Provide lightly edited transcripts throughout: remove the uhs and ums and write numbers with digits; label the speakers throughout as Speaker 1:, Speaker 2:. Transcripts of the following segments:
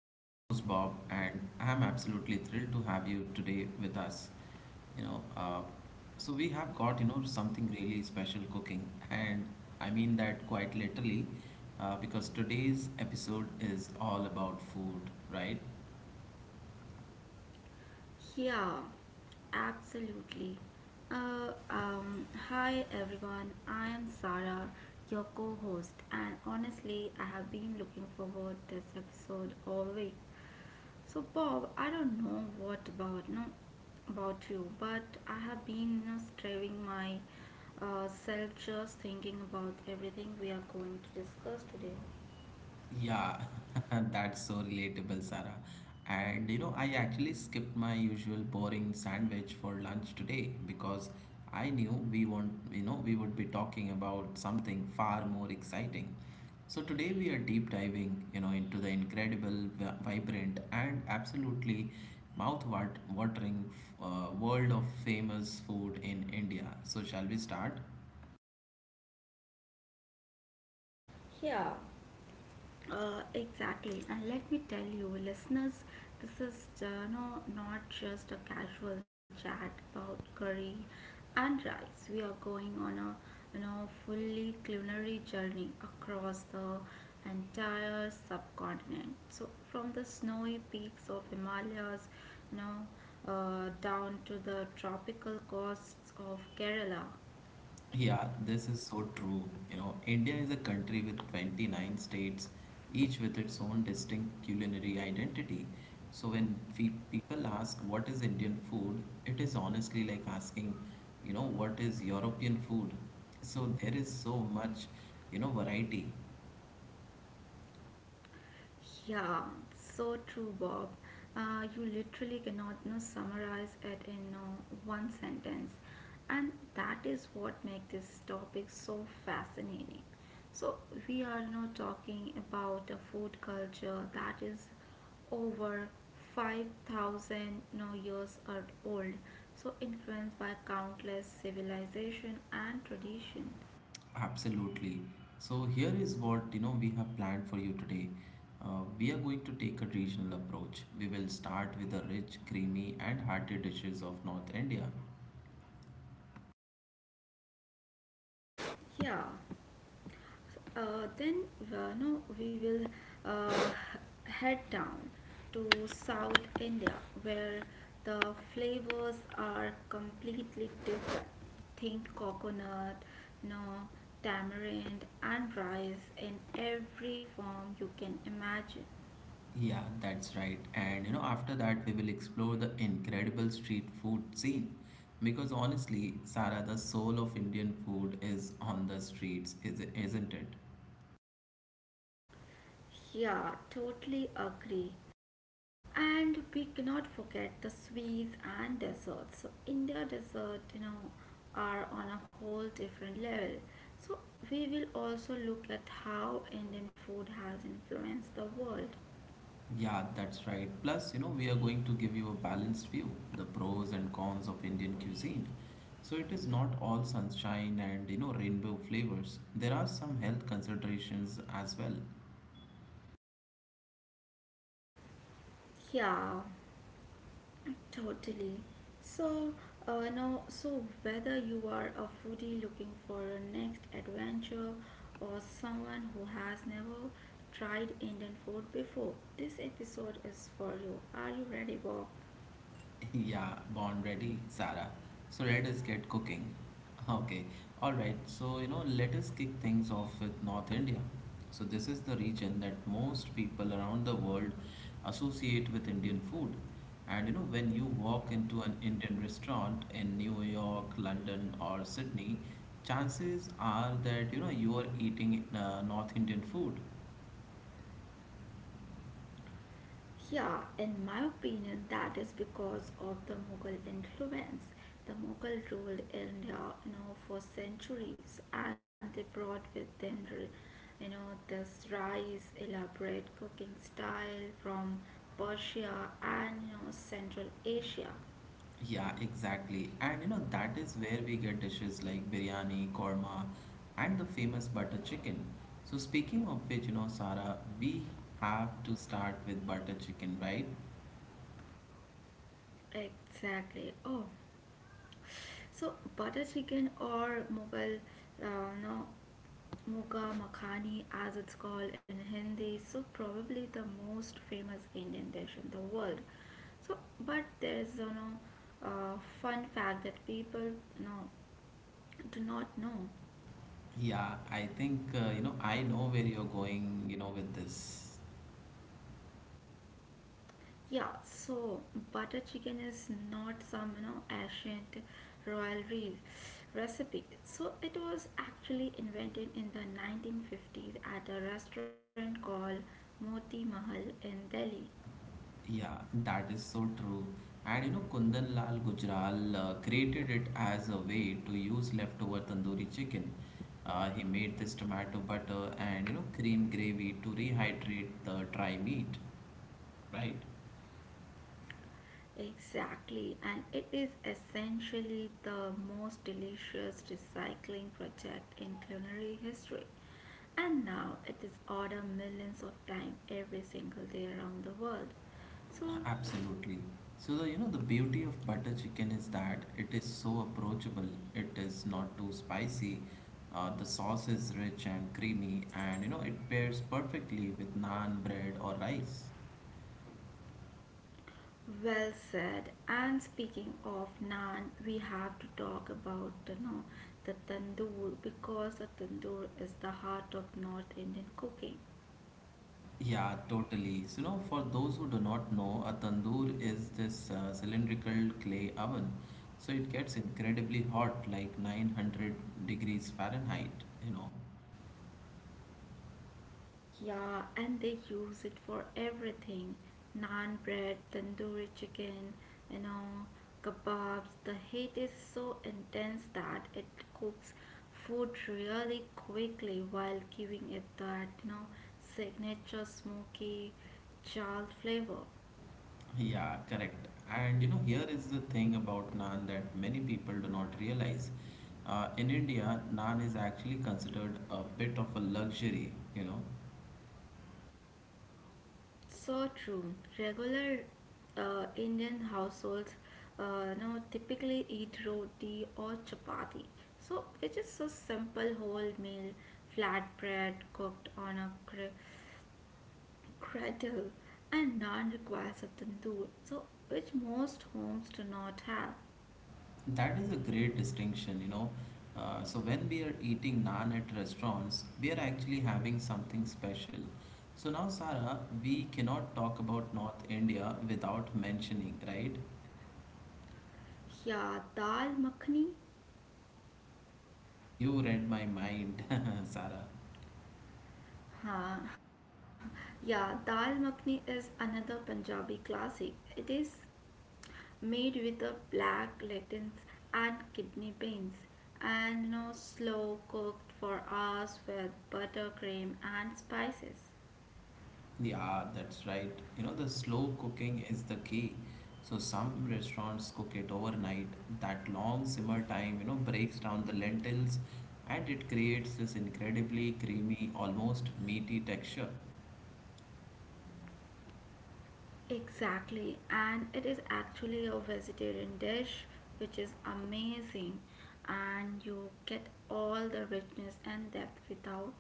Speaker 1: I'm your host, Bob, and I'm absolutely thrilled to have you today with us. You know, uh, so we have got, something really special cooking, and I mean that quite literally because today's episode is all about food, right?
Speaker 2: Yeah, absolutely. Hi everyone, I am Sarah, your co host, and honestly, I have been looking forward this episode all week. So, Bob, I don't know what about no about you, but I have been striving my self just thinking about everything we are going to discuss today.
Speaker 1: Yeah, that's so relatable, Sarah. And you know, I actually skipped my usual boring sandwich for lunch today because I knew we won't, you know, we would be talking about something far more exciting. So today we are deep diving, you know, into the incredible, vibrant, and absolutely mouth-watering world of famous food in India. So shall we start?
Speaker 2: Yeah. Exactly, and let me tell you, listeners, this is not just a casual chat about curry and rice. We are going on a fully culinary journey across the entire subcontinent. So from the snowy peaks of Himalayas, you know, down to the tropical coasts of Kerala.
Speaker 1: Yeah, this is so true. You know, India is a country with 29 states, each with its own distinct culinary identity. So when people ask what is Indian food, it is honestly like asking, you know, what is European food? So there is so much, you know, variety.
Speaker 2: Yeah, so true, Bob. You literally cannot summarize it in one sentence, and that is what makes this topic so fascinating. So we are now talking about a food culture that is over 5,000 years are old, so influenced by countless civilization and tradition.
Speaker 1: Absolutely. So here is what, you know, we have planned for you today. We are going to take a regional approach. We will start with the rich, creamy, and hearty dishes of North India.
Speaker 2: Yeah. Then no, we will uh, head down to South India where the flavors are completely different. Think coconut, no tamarind and rice in every form you can imagine.
Speaker 1: Yeah, that's right. And you know, after that, we will explore the incredible street food scene. Because honestly, Sara, the soul of Indian food is on the streets, isn't it?
Speaker 2: Yeah, totally agree. And we cannot forget the sweets and desserts. So India dessert, are on a whole different level. So we will also look at how Indian food has influenced the world.
Speaker 1: Yeah, that's right. Plus, you know, we are going to give you a balanced view, the pros and cons of Indian cuisine. So it is not all sunshine and, you know, rainbow flavors. There are some health considerations as well.
Speaker 2: Yeah, totally. So no. so whether you are a foodie looking for your next adventure or someone who has never tried Indian food before, this episode is for you. Are you ready, Bob?
Speaker 1: Yeah, born ready, Sarah. So let us get cooking. Okay, alright. So, you know, let us kick things off with North India. So this is the region that most people around the world associate with Indian food. And you know, when you walk into an Indian restaurant in New York, London, or Sydney, chances are that you know you are eating North Indian food.
Speaker 2: Yeah, in my opinion, that is because of the Mughal influence. The Mughal ruled India, for centuries, and they brought with them, this rice, elaborate cooking style from Persia and Central Asia.
Speaker 1: Yeah, exactly. And you know, that is where we get dishes like biryani, korma, and the famous butter chicken. So, speaking of which, you know, Sara, we have to start with butter chicken, right?
Speaker 2: Exactly. Oh, so butter chicken or Mughal, uh, no Moka Makhani, as it's called in Hindi, so probably the most famous Indian dish in the world. So, but there is fun fact that people know do not know.
Speaker 1: Yeah, I think, you know, I know where you're going, you know, with this.
Speaker 2: Yeah, so butter chicken is not some ancient royalty recipe. So it was actually invented in the 1950s at a restaurant called Moti Mahal in Delhi.
Speaker 1: Yeah, that is so true. And you know, Kundan Lal Gujral created it as a way to use leftover tandoori chicken. He made this tomato butter and you know, cream gravy to rehydrate the dry meat, right?
Speaker 2: Exactly, and it is essentially the most delicious recycling project in culinary history. And now it is ordered millions of times every single day around the world. So,
Speaker 1: Absolutely. So the, you know the beauty of butter chicken is that it is so approachable. It is not too spicy. The sauce is rich and creamy, and you know it pairs perfectly with naan, bread, or rice.
Speaker 2: well said. And speaking of naan, we have to talk about the tandoor because the tandoor is the heart of North Indian cooking.
Speaker 1: Yeah, totally. So, you know, for those who do not know, a tandoor is this cylindrical clay oven. So it gets incredibly hot, like 900 degrees Fahrenheit, you know.
Speaker 2: Yeah, and they use it for everything naan bread, tandoori chicken, you know, kebabs. The heat is so intense that it cooks food really quickly while giving it that, signature smoky charred flavor.
Speaker 1: Yeah, correct. And you know, here is the thing about naan that many people do not realize. In India, naan is actually considered a bit of a luxury, you know.
Speaker 2: So true. Regular Indian households now typically eat roti or chapati. So, which is a simple whole meal, flatbread cooked on a cradle, and naan requires a tandoor. So, which most homes do not have.
Speaker 1: That is a great distinction, you know. So when we are eating naan at restaurants, we are actually having something special. So now, Sara, we cannot talk about North India without mentioning, right?
Speaker 2: Yeah, dal makhni.
Speaker 1: You read my mind, Sara.
Speaker 2: Huh. Yeah, dal makhni is another Punjabi classic. It is made with a black lentils and kidney beans, and no slow cooked for hours with buttercream and spices.
Speaker 1: Yeah, that's right. You know, the slow cooking is the key. So some restaurants cook it overnight. That long simmer time, you know, breaks down the lentils and it creates this incredibly creamy, almost meaty texture.
Speaker 2: Exactly, and it is actually a vegetarian dish which is amazing, and you get all the richness and depth without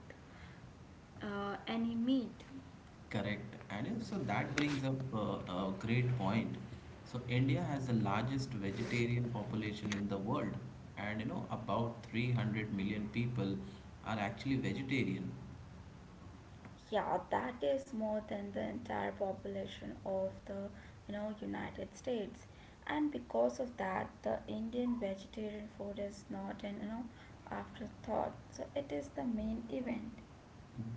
Speaker 2: any meat.
Speaker 1: Correct. And so that brings up a great point. So India has the largest vegetarian population in the world, and you know about 300 million people are actually vegetarian.
Speaker 2: Yeah, that is more than the entire population of the United States. And because of that, the Indian vegetarian food is not an afterthought. So it is the main event.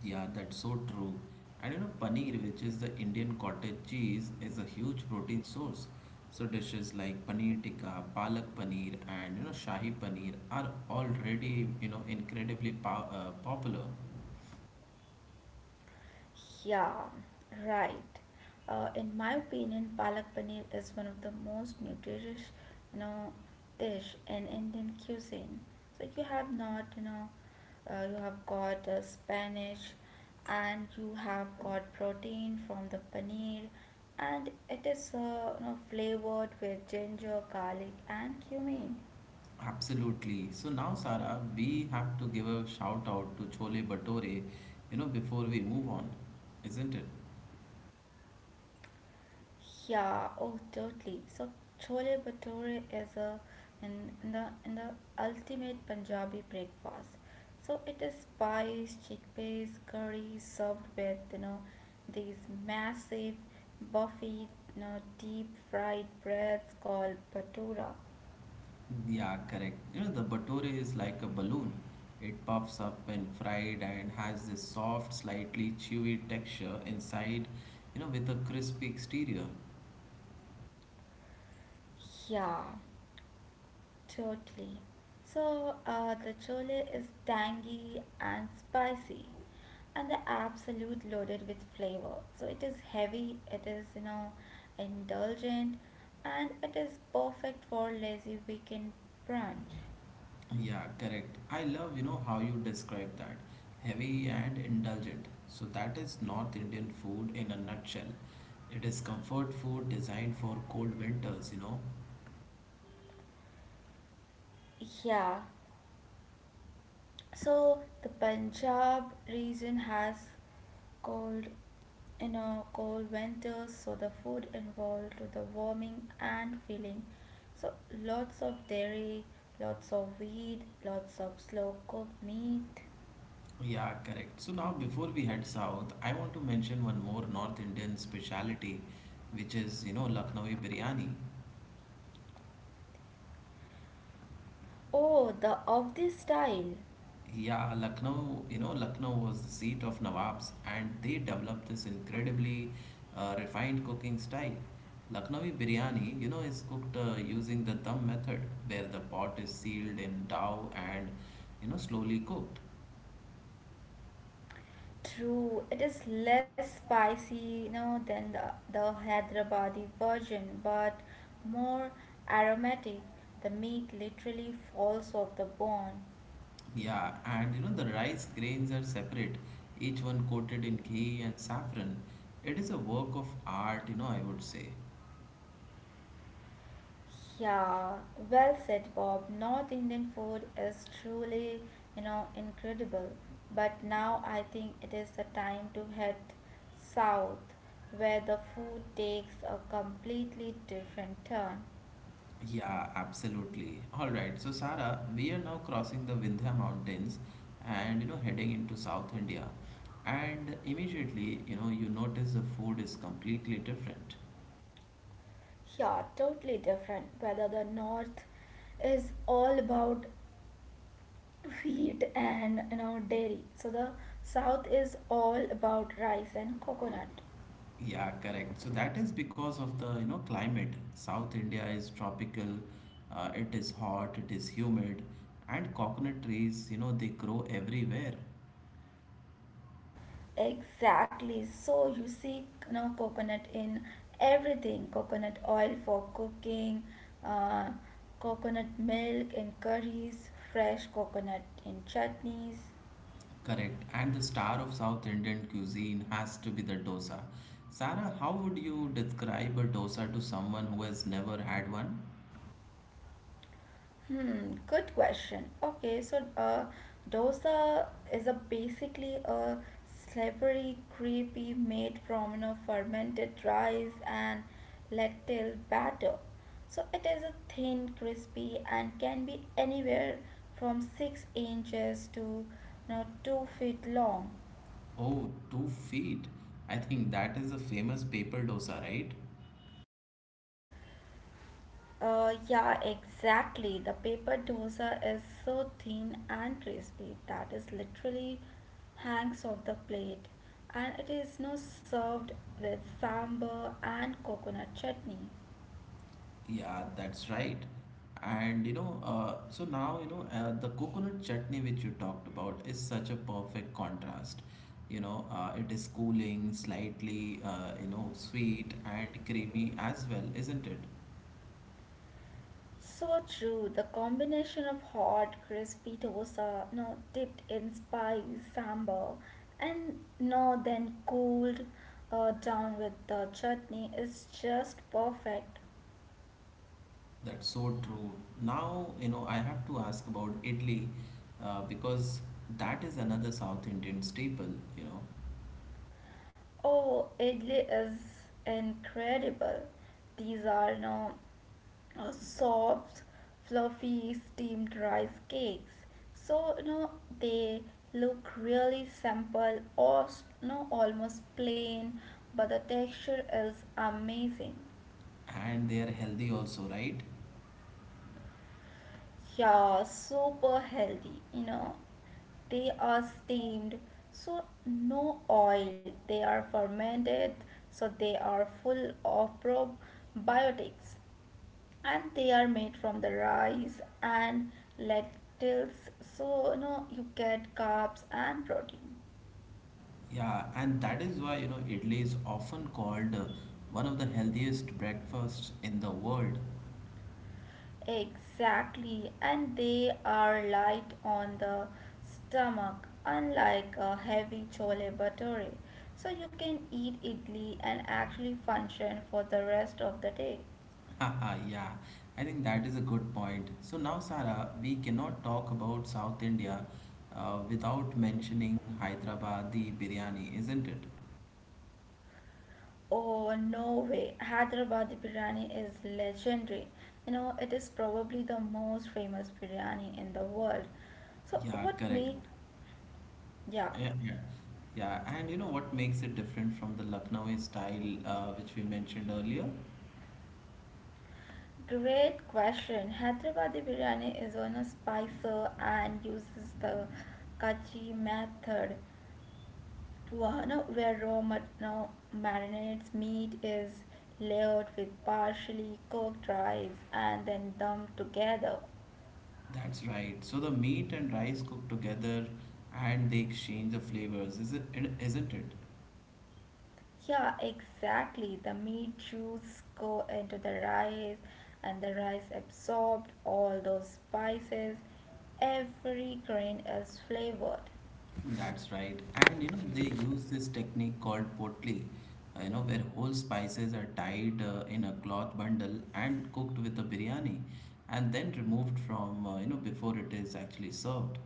Speaker 1: Yeah, that's so true. And you know paneer, which is the Indian cottage cheese, is a huge protein source. So dishes like paneer tikka, palak paneer, and you know shahi paneer are already you know incredibly po popular.
Speaker 2: Yeah, right. In my opinion, palak paneer is one of the most nutritious, you know, dish in Indian cuisine. So you have not, you have got Spanish, and you have got protein from the paneer, and it is, flavored with ginger, garlic, and cumin.
Speaker 1: Absolutely. So now, Sara, we have to give a shout out to Chole Bhature, you know, before we move on, isn't it?
Speaker 2: Yeah, oh totally. So chole bhature is a in the ultimate Punjabi breakfast. So it is spice, chickpeas, curry served with these massive buffy deep fried breads called bhatura.
Speaker 1: Yeah, correct. You know, the bhature is like a balloon. It puffs up when fried and has this soft, slightly chewy texture inside, you know, with a crispy exterior.
Speaker 2: Yeah. Totally. So the chole is tangy and spicy, and the absolute loaded with flavor. So it is heavy, it is indulgent, and it is perfect for lazy weekend brunch.
Speaker 1: Yeah, correct. I love, you know, how you describe that. Heavy and indulgent. So that is North Indian food in a nutshell. It is comfort food designed for cold winters, you know.
Speaker 2: Yeah, so the Punjab region has cold, cold winters. So the food involved with the warming and filling. So lots of dairy, lots of wheat, lots of slow cooked meat.
Speaker 1: Yeah, correct. So now before we head south, I want to mention one more North Indian specialty, which is, you know, Lucknowi biryani.
Speaker 2: Oh, the of this style.
Speaker 1: Yeah, Lucknow, you know, Lucknow was the seat of Nawabs, and they developed this incredibly refined cooking style. Lucknowi biryani, you know, is cooked using the dum method, where the pot is sealed in dough and, you know, slowly cooked.
Speaker 2: True, it is less spicy, than the Hyderabadi version, but more aromatic. The meat literally falls off the bone.
Speaker 1: Yeah, and you know, the rice grains are separate, each one coated in ghee and saffron. It is a work of art, you know, I would say.
Speaker 2: Yeah, well said, Bob. North Indian food is truly, incredible. But now I think it is the time to head south, where the food takes a completely different turn.
Speaker 1: Yeah, absolutely. All right. So, Sara, we are now crossing the Vindhya Mountains and you know heading into South India. And immediately, you know, you notice the food is completely different.
Speaker 2: Yeah, totally different. Whether the north is all about wheat and dairy, so the south is all about rice and coconut.
Speaker 1: Yeah, correct. So that is because of the, you know, climate. South India is tropical. It is hot, it is humid, and coconut trees, you know, they grow everywhere.
Speaker 2: Exactly. So you see, coconut in everything. Coconut oil for cooking, uh, coconut milk in curries, fresh coconut in chutneys.
Speaker 1: Correct. And the star of South Indian cuisine has to be the dosa. Sarah, how would you describe a dosa to someone who has never had one?
Speaker 2: Hmm, good question. Okay, so dosa is a basically a savory gravy made from fermented rice and lentil batter. So it is a thin, crispy, and can be anywhere from 6 inches to 2 feet long.
Speaker 1: Oh, 2 feet. I think that is a famous paper dosa, right?
Speaker 2: Yeah, exactly. The paper dosa is so thin and crispy that is literally hangs off the plate, and it is now served with sambar and coconut chutney.
Speaker 1: Yeah, that's right. And you know, so now you know the coconut chutney which you talked about is such a perfect contrast. You know, it is cooling, slightly you know sweet and creamy as well, isn't it?
Speaker 2: So true. The combination of hot, crispy dosa, no dipped in spice sambar, and no then cooled down with the chutney is just perfect.
Speaker 1: That's so true. Now, you know, I have to ask about idli because that is another South Indian staple, you know,
Speaker 2: Oh, Italy is incredible. These are now soft, fluffy steamed rice cakes. So they look really simple or almost plain, but the texture is amazing.
Speaker 1: and they are healthy also, right?
Speaker 2: Yeah, super healthy, They are steamed, so no oil. They are fermented, so they are full of probiotics. And they are made from the rice and lentils, so you get carbs and protein.
Speaker 1: Yeah, and that is why, you know, idli is often called one of the healthiest breakfasts in the world.
Speaker 2: Exactly, and they are light on the stomach, unlike a heavy chole bhature. So you can eat idli and actually function for the rest of the day.
Speaker 1: Haha, yeah, I think that is a good point. So now, Sara, we cannot talk about South India without mentioning Hyderabadi biryani, isn't it?
Speaker 2: Oh, no way. Hyderabadi biryani is legendary. It is probably the most famous biryani in the world. So
Speaker 1: Yeah,
Speaker 2: what
Speaker 1: correct.
Speaker 2: make yeah,
Speaker 1: Yeah, yeah. And you know what makes it different from the Lucknowi style, which we mentioned earlier?
Speaker 2: great question. Hyderabadi biryani is on a spicer and uses the kachi method to where raw mat- no, marinates meat is layered with partially cooked rice and then dumped together.
Speaker 1: That's right. So the meat and rice cook together, and they exchange the flavors, isn't it?
Speaker 2: Yeah, exactly. The meat juice go into the rice and the rice absorbed all those spices. Every grain is flavored.
Speaker 1: That's right. And you know they use this technique called potli, you know where whole spices are tied in a cloth bundle and cooked with the biryani, and then removed from you know before it is actually served.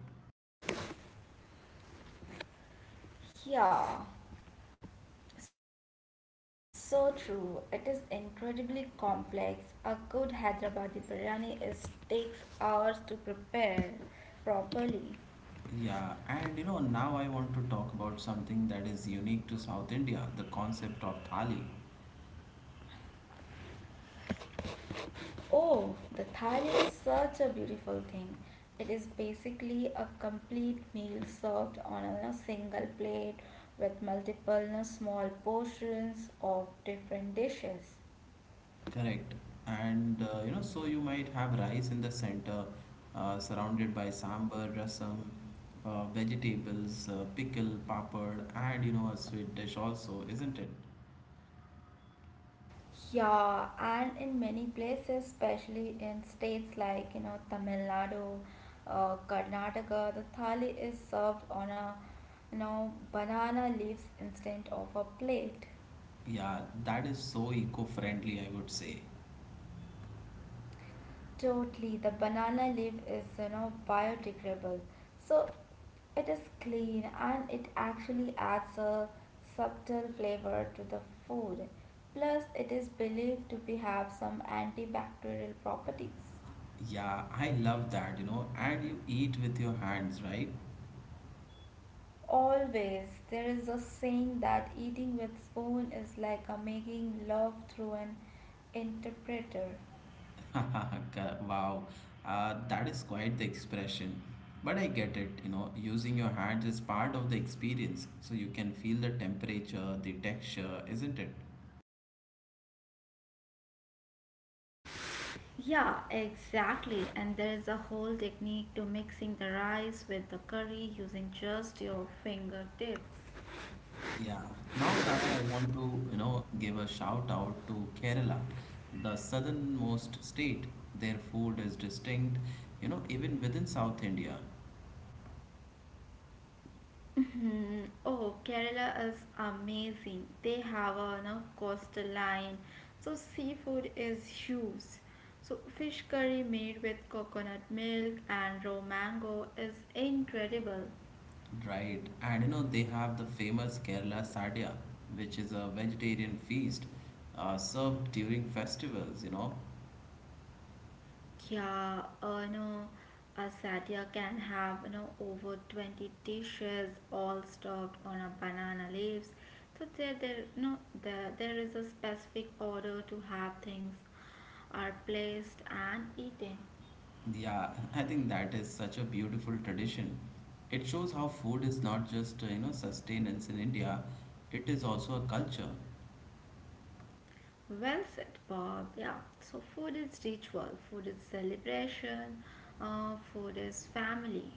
Speaker 2: Yeah. So true. It is incredibly complex. A good Hyderabadi biryani is takes hours to prepare properly.
Speaker 1: Yeah, and you know, now I want to talk about something that is unique to South India, the concept of thali.
Speaker 2: Oh, the thali is such a beautiful thing. It is basically a complete meal served on a single plate with multiple small portions of different dishes.
Speaker 1: Correct. And you know, so you might have rice in the center, surrounded by sambar, rasam, vegetables, pickle, papad, and you know, a sweet dish also, isn't it?
Speaker 2: Yeah, and in many places, especially in states like, Tamil Nadu, Karnataka, the thali is served on a, banana leaves instead of a plate.
Speaker 1: Yeah, that is so eco-friendly, I would say.
Speaker 2: Totally, the banana leaf is, biodegradable. So it is clean and it actually adds a subtle flavor to the food. Plus, it is believed to be have some antibacterial properties.
Speaker 1: Yeah, I love that, you know, and you eat with your hands, right?
Speaker 2: Always, there is a saying that eating with spoon is like a making love through an interpreter.
Speaker 1: Wow, that is quite the expression. But I get it, you know, using your hands is part of the experience, so you can feel the temperature, the texture, isn't it?
Speaker 2: Yeah, exactly. And there is a whole technique to mixing the rice with the curry using just your fingertips.
Speaker 1: Yeah. Now, Sarah, I want to, you know, give a shout out to Kerala, the southernmost state. Their food is distinct, you know, even within South India.
Speaker 2: Mhm. Oh, Kerala is amazing. They have a coastline, so seafood is huge. So fish curry made with coconut milk and raw mango is incredible.
Speaker 1: Right, and you know they have the famous Kerala Sadya, which is a vegetarian feast served during festivals. You know,
Speaker 2: Yeah, a satya can have over 20 dishes all stuffed on a banana leaves. So there, you know, there is a specific order to have things are placed and eaten.
Speaker 1: yeah, I think that is such a beautiful tradition. It shows how food is not just you know sustenance in India; it is also a culture.
Speaker 2: Well said, Bob. Yeah. So food is ritual. Food is celebration. Food is family.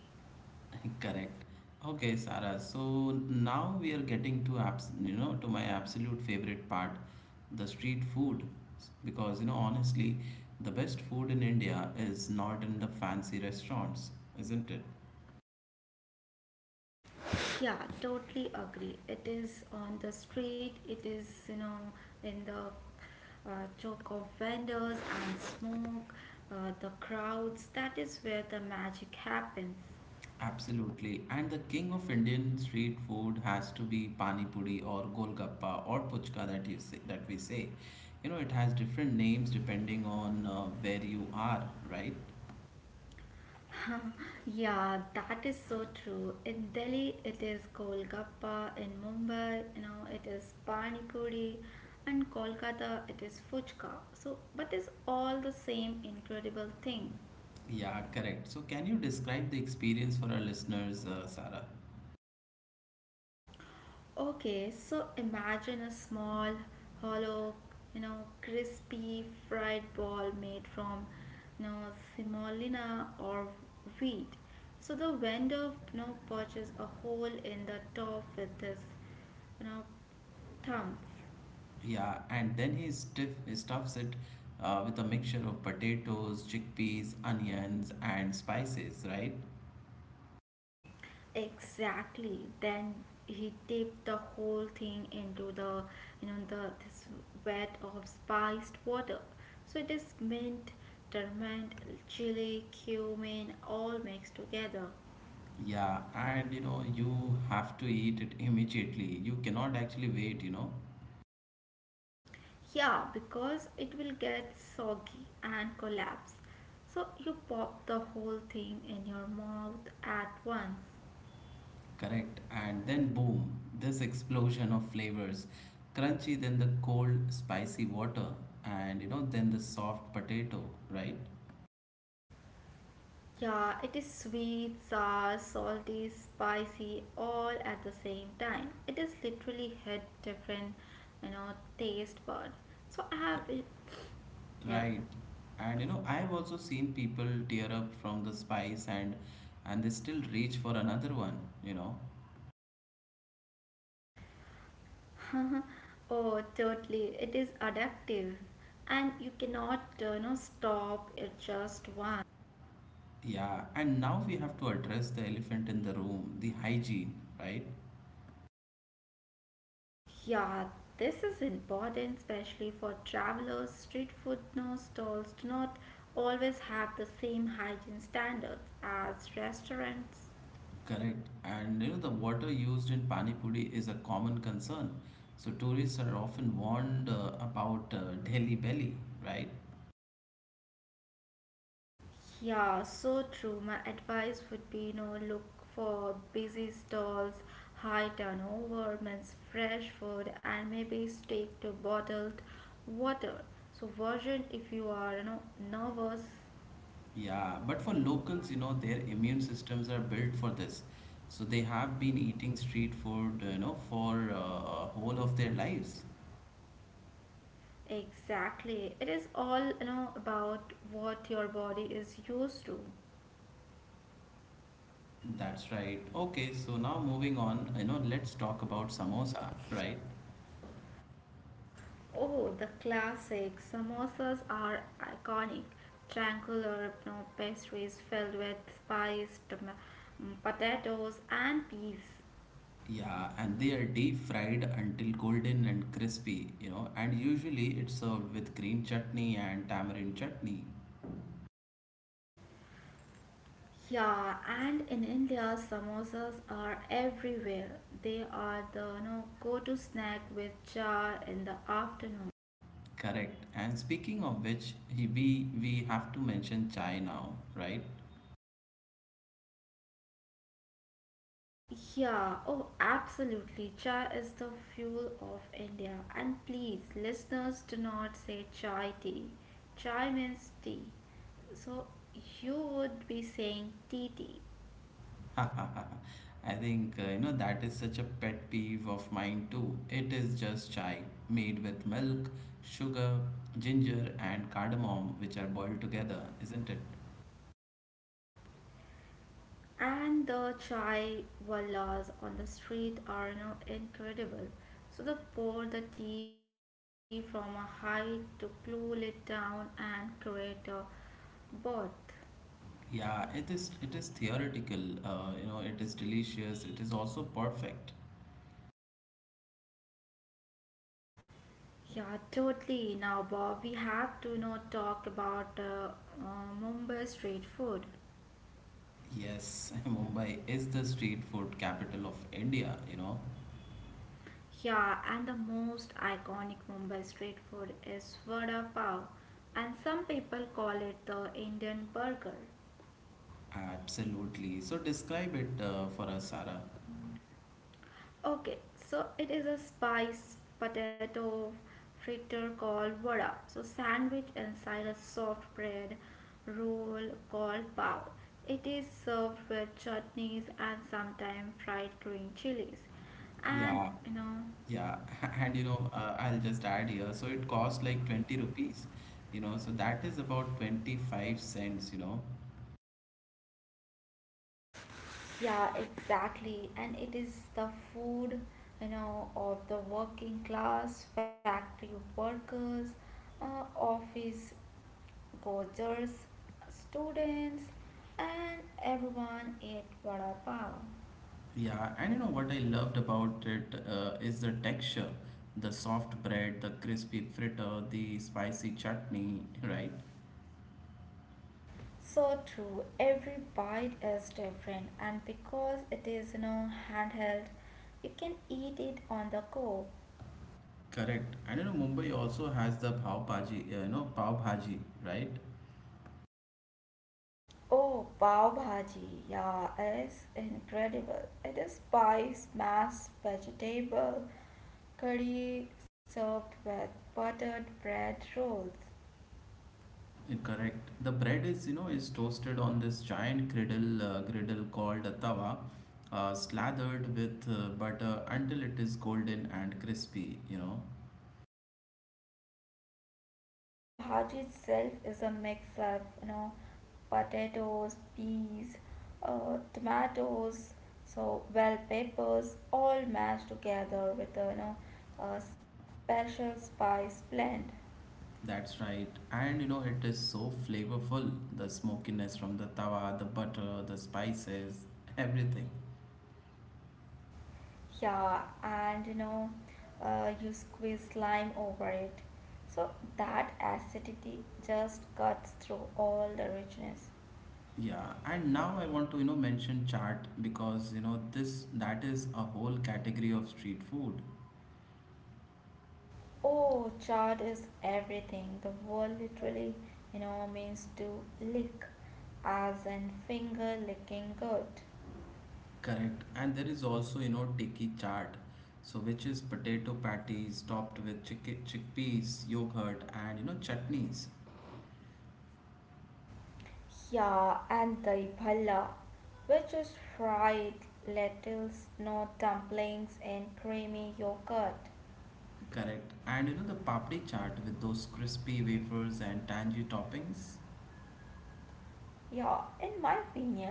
Speaker 1: Correct. Okay, Sarah. So now we are getting to abs you know to my absolute favorite part, the street food. Because you know honestly, the best food in India is not in the fancy restaurants, isn't it?
Speaker 2: Yeah, totally agree. It is on the street, it is, in the choke of vendors and smoke, the crowds. That is where the magic happens.
Speaker 1: Absolutely. And the king of Indian street food has to be pani puri or golgappa or puchka that you say that we say. You know, it has different names depending on where you are, right?
Speaker 2: Yeah, that is so true. In Delhi, it is Golgappa. In Mumbai, it is Pani Puri. And Kolkata, it is Fuchka. So, but it's all the same incredible thing.
Speaker 1: Yeah, correct. So, can you describe the experience for our listeners, Sarah?
Speaker 2: Okay, so imagine a small, hollow, crispy fried ball made from, you know, semolina or wheat. So the vendor, punches a hole in the top with this, you know, thumb.
Speaker 1: Yeah, and then he stuffs it with a mixture of potatoes, chickpeas, onions, and spices, right?
Speaker 2: Exactly. Then he dipped the whole thing into the you know the this vat of spiced water. So it is mint, turmeric, chili, cumin all mixed together.
Speaker 1: Yeah, and you know, you have to eat it immediately. You cannot actually wait, you know.
Speaker 2: Yeah, because it will get soggy and collapse. So you pop the whole thing in your mouth at once.
Speaker 1: Correct. And then, boom, this explosion of flavors. Crunchy, then the cold, spicy water, and you know, then the soft potato, right?
Speaker 2: Yeah, it is sweet, sour, salty, spicy, all at the same time. It is literally hit different, you know, taste bud. So I have it. Yeah.
Speaker 1: Right. And you know, I've also seen people tear up from the spice and they still reach for another one, you know.
Speaker 2: oh, totally. It is addictive, and you cannot, stop it just once.
Speaker 1: Yeah, and now we have to address the elephant in the room, the hygiene, right?
Speaker 2: Yeah, this is important, especially for travelers. Street food no stalls do not always have the same hygiene standards as restaurants.
Speaker 1: Correct. And you know, the water used in pani puri is a common concern. So tourists are often warned about Delhi belly, right?
Speaker 2: Yeah, so true. My advice would be, look for busy stalls, high turnover, means fresh food, and maybe stick to bottled water. So version, if you are, nervous,
Speaker 1: Yeah, but for locals, you know, their immune systems are built for this. So they have been eating street food, you know, for whole of their lives.
Speaker 2: exactly. It is all, about what your body is used to.
Speaker 1: That's right. Okay, so now moving on, you know, let's talk about samosa, right?
Speaker 2: Oh, the classic. Samosas are iconic. Triangular no pastries filled with spiced potatoes and peas.
Speaker 1: Yeah, and they are deep fried until golden and crispy, you know, and usually it's served with green chutney and tamarind chutney.
Speaker 2: Yeah, and in India, samosas are everywhere. They are the no go-to snack with chai in the afternoon.
Speaker 1: Correct. And speaking of which, we have to mention chai now, right?
Speaker 2: Yeah, oh, absolutely. Chai is the fuel of India. And please, listeners, do not say chai tea. Chai means tea. So you would be saying tea tea.
Speaker 1: I think you know that is such a pet peeve of mine too. It is just chai made with milk, sugar, ginger and cardamom which are boiled together, isn't it?
Speaker 2: And the chai wallas on the street are incredible. So they pour the tea from a height to cool it down and create a bath.
Speaker 1: Yeah, it is theoretical. You know, it is delicious. It is also perfect.
Speaker 2: Yeah, totally. Now, Bob, we have to not talk about Mumbai street food.
Speaker 1: Yes, Mumbai is the street food capital of India, you know.
Speaker 2: Yeah, and the most iconic Mumbai street food is vada pav, and some people call it the Indian burger.
Speaker 1: Absolutely. So describe it for us, Sarah.
Speaker 2: Okay, so it is a spice potato fritter called vada. So sandwich inside a soft bread roll called pav. It is served with chutneys and sometimes fried green chilies. And
Speaker 1: Yeah.
Speaker 2: you know,
Speaker 1: Yeah, and you know, I'll just add here. So it cost like 20 rupees, you know, so that is about 25¢, you know.
Speaker 2: yeah, exactly. And it is the food, of the working class, factory workers, office coaches, students, and everyone ate vada pav.
Speaker 1: Yeah, and you know what I loved about it is the texture, the soft bread, the crispy fritter, the spicy chutney, right?
Speaker 2: So true, every bite is different, and because it is no handheld, you can eat it on the go.
Speaker 1: Correct. And you know, Mumbai also has the pav bhaji, you know, pav bhaji, right?
Speaker 2: Oh, pav bhaji, yeah, it's incredible. It is spice, mashed vegetable, curry served with buttered bread rolls.
Speaker 1: Correct. The bread is, you know, is toasted on this griddle called a tawa, slathered with butter until it is golden and crispy, you know.
Speaker 2: Yeah, and the bhaji itself is a mix of, potatoes, peas, tomatoes, so bell peppers, all mashed together with a, a special spice blend.
Speaker 1: That's right. And you know, it is so flavorful. The smokiness from the tawa, the butter, the spices, everything.
Speaker 2: Yeah, and you squeeze lime over it. So that acidity just cuts through all the richness.
Speaker 1: Yeah, and now I want to, you know, mention chaat because, you know, this that is a whole category of street food.
Speaker 2: Oh, chard is everything. The word literally, means to lick, as in finger licking good.
Speaker 1: Correct. And there is also, you know, tiki chaat, so which is potato patties topped with chickpeas, yogurt, and you know, chutneys.
Speaker 2: Yeah, and the bhalla, which is fried lentils, no dumplings in creamy yogurt.
Speaker 1: Correct. And you know, the papdi chaat with those crispy wafers and tangy toppings.
Speaker 2: Yeah, in my opinion,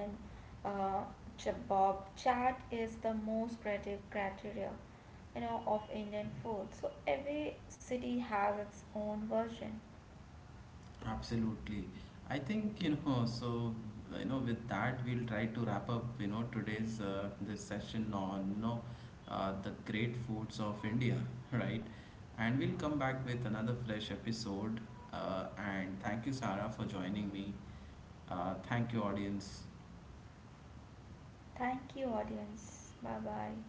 Speaker 2: uh, chabob chaat is the most creative criteria, of Indian food. So every city has its own version.
Speaker 1: Absolutely. I think, you know, with that, we'll try to wrap up, you know, today's this session on, the great foods of India, right? And we'll come back with another fresh episode. And thank you, Sarah, for joining me. Thank you, audience.
Speaker 2: Thank you, audience. Bye bye.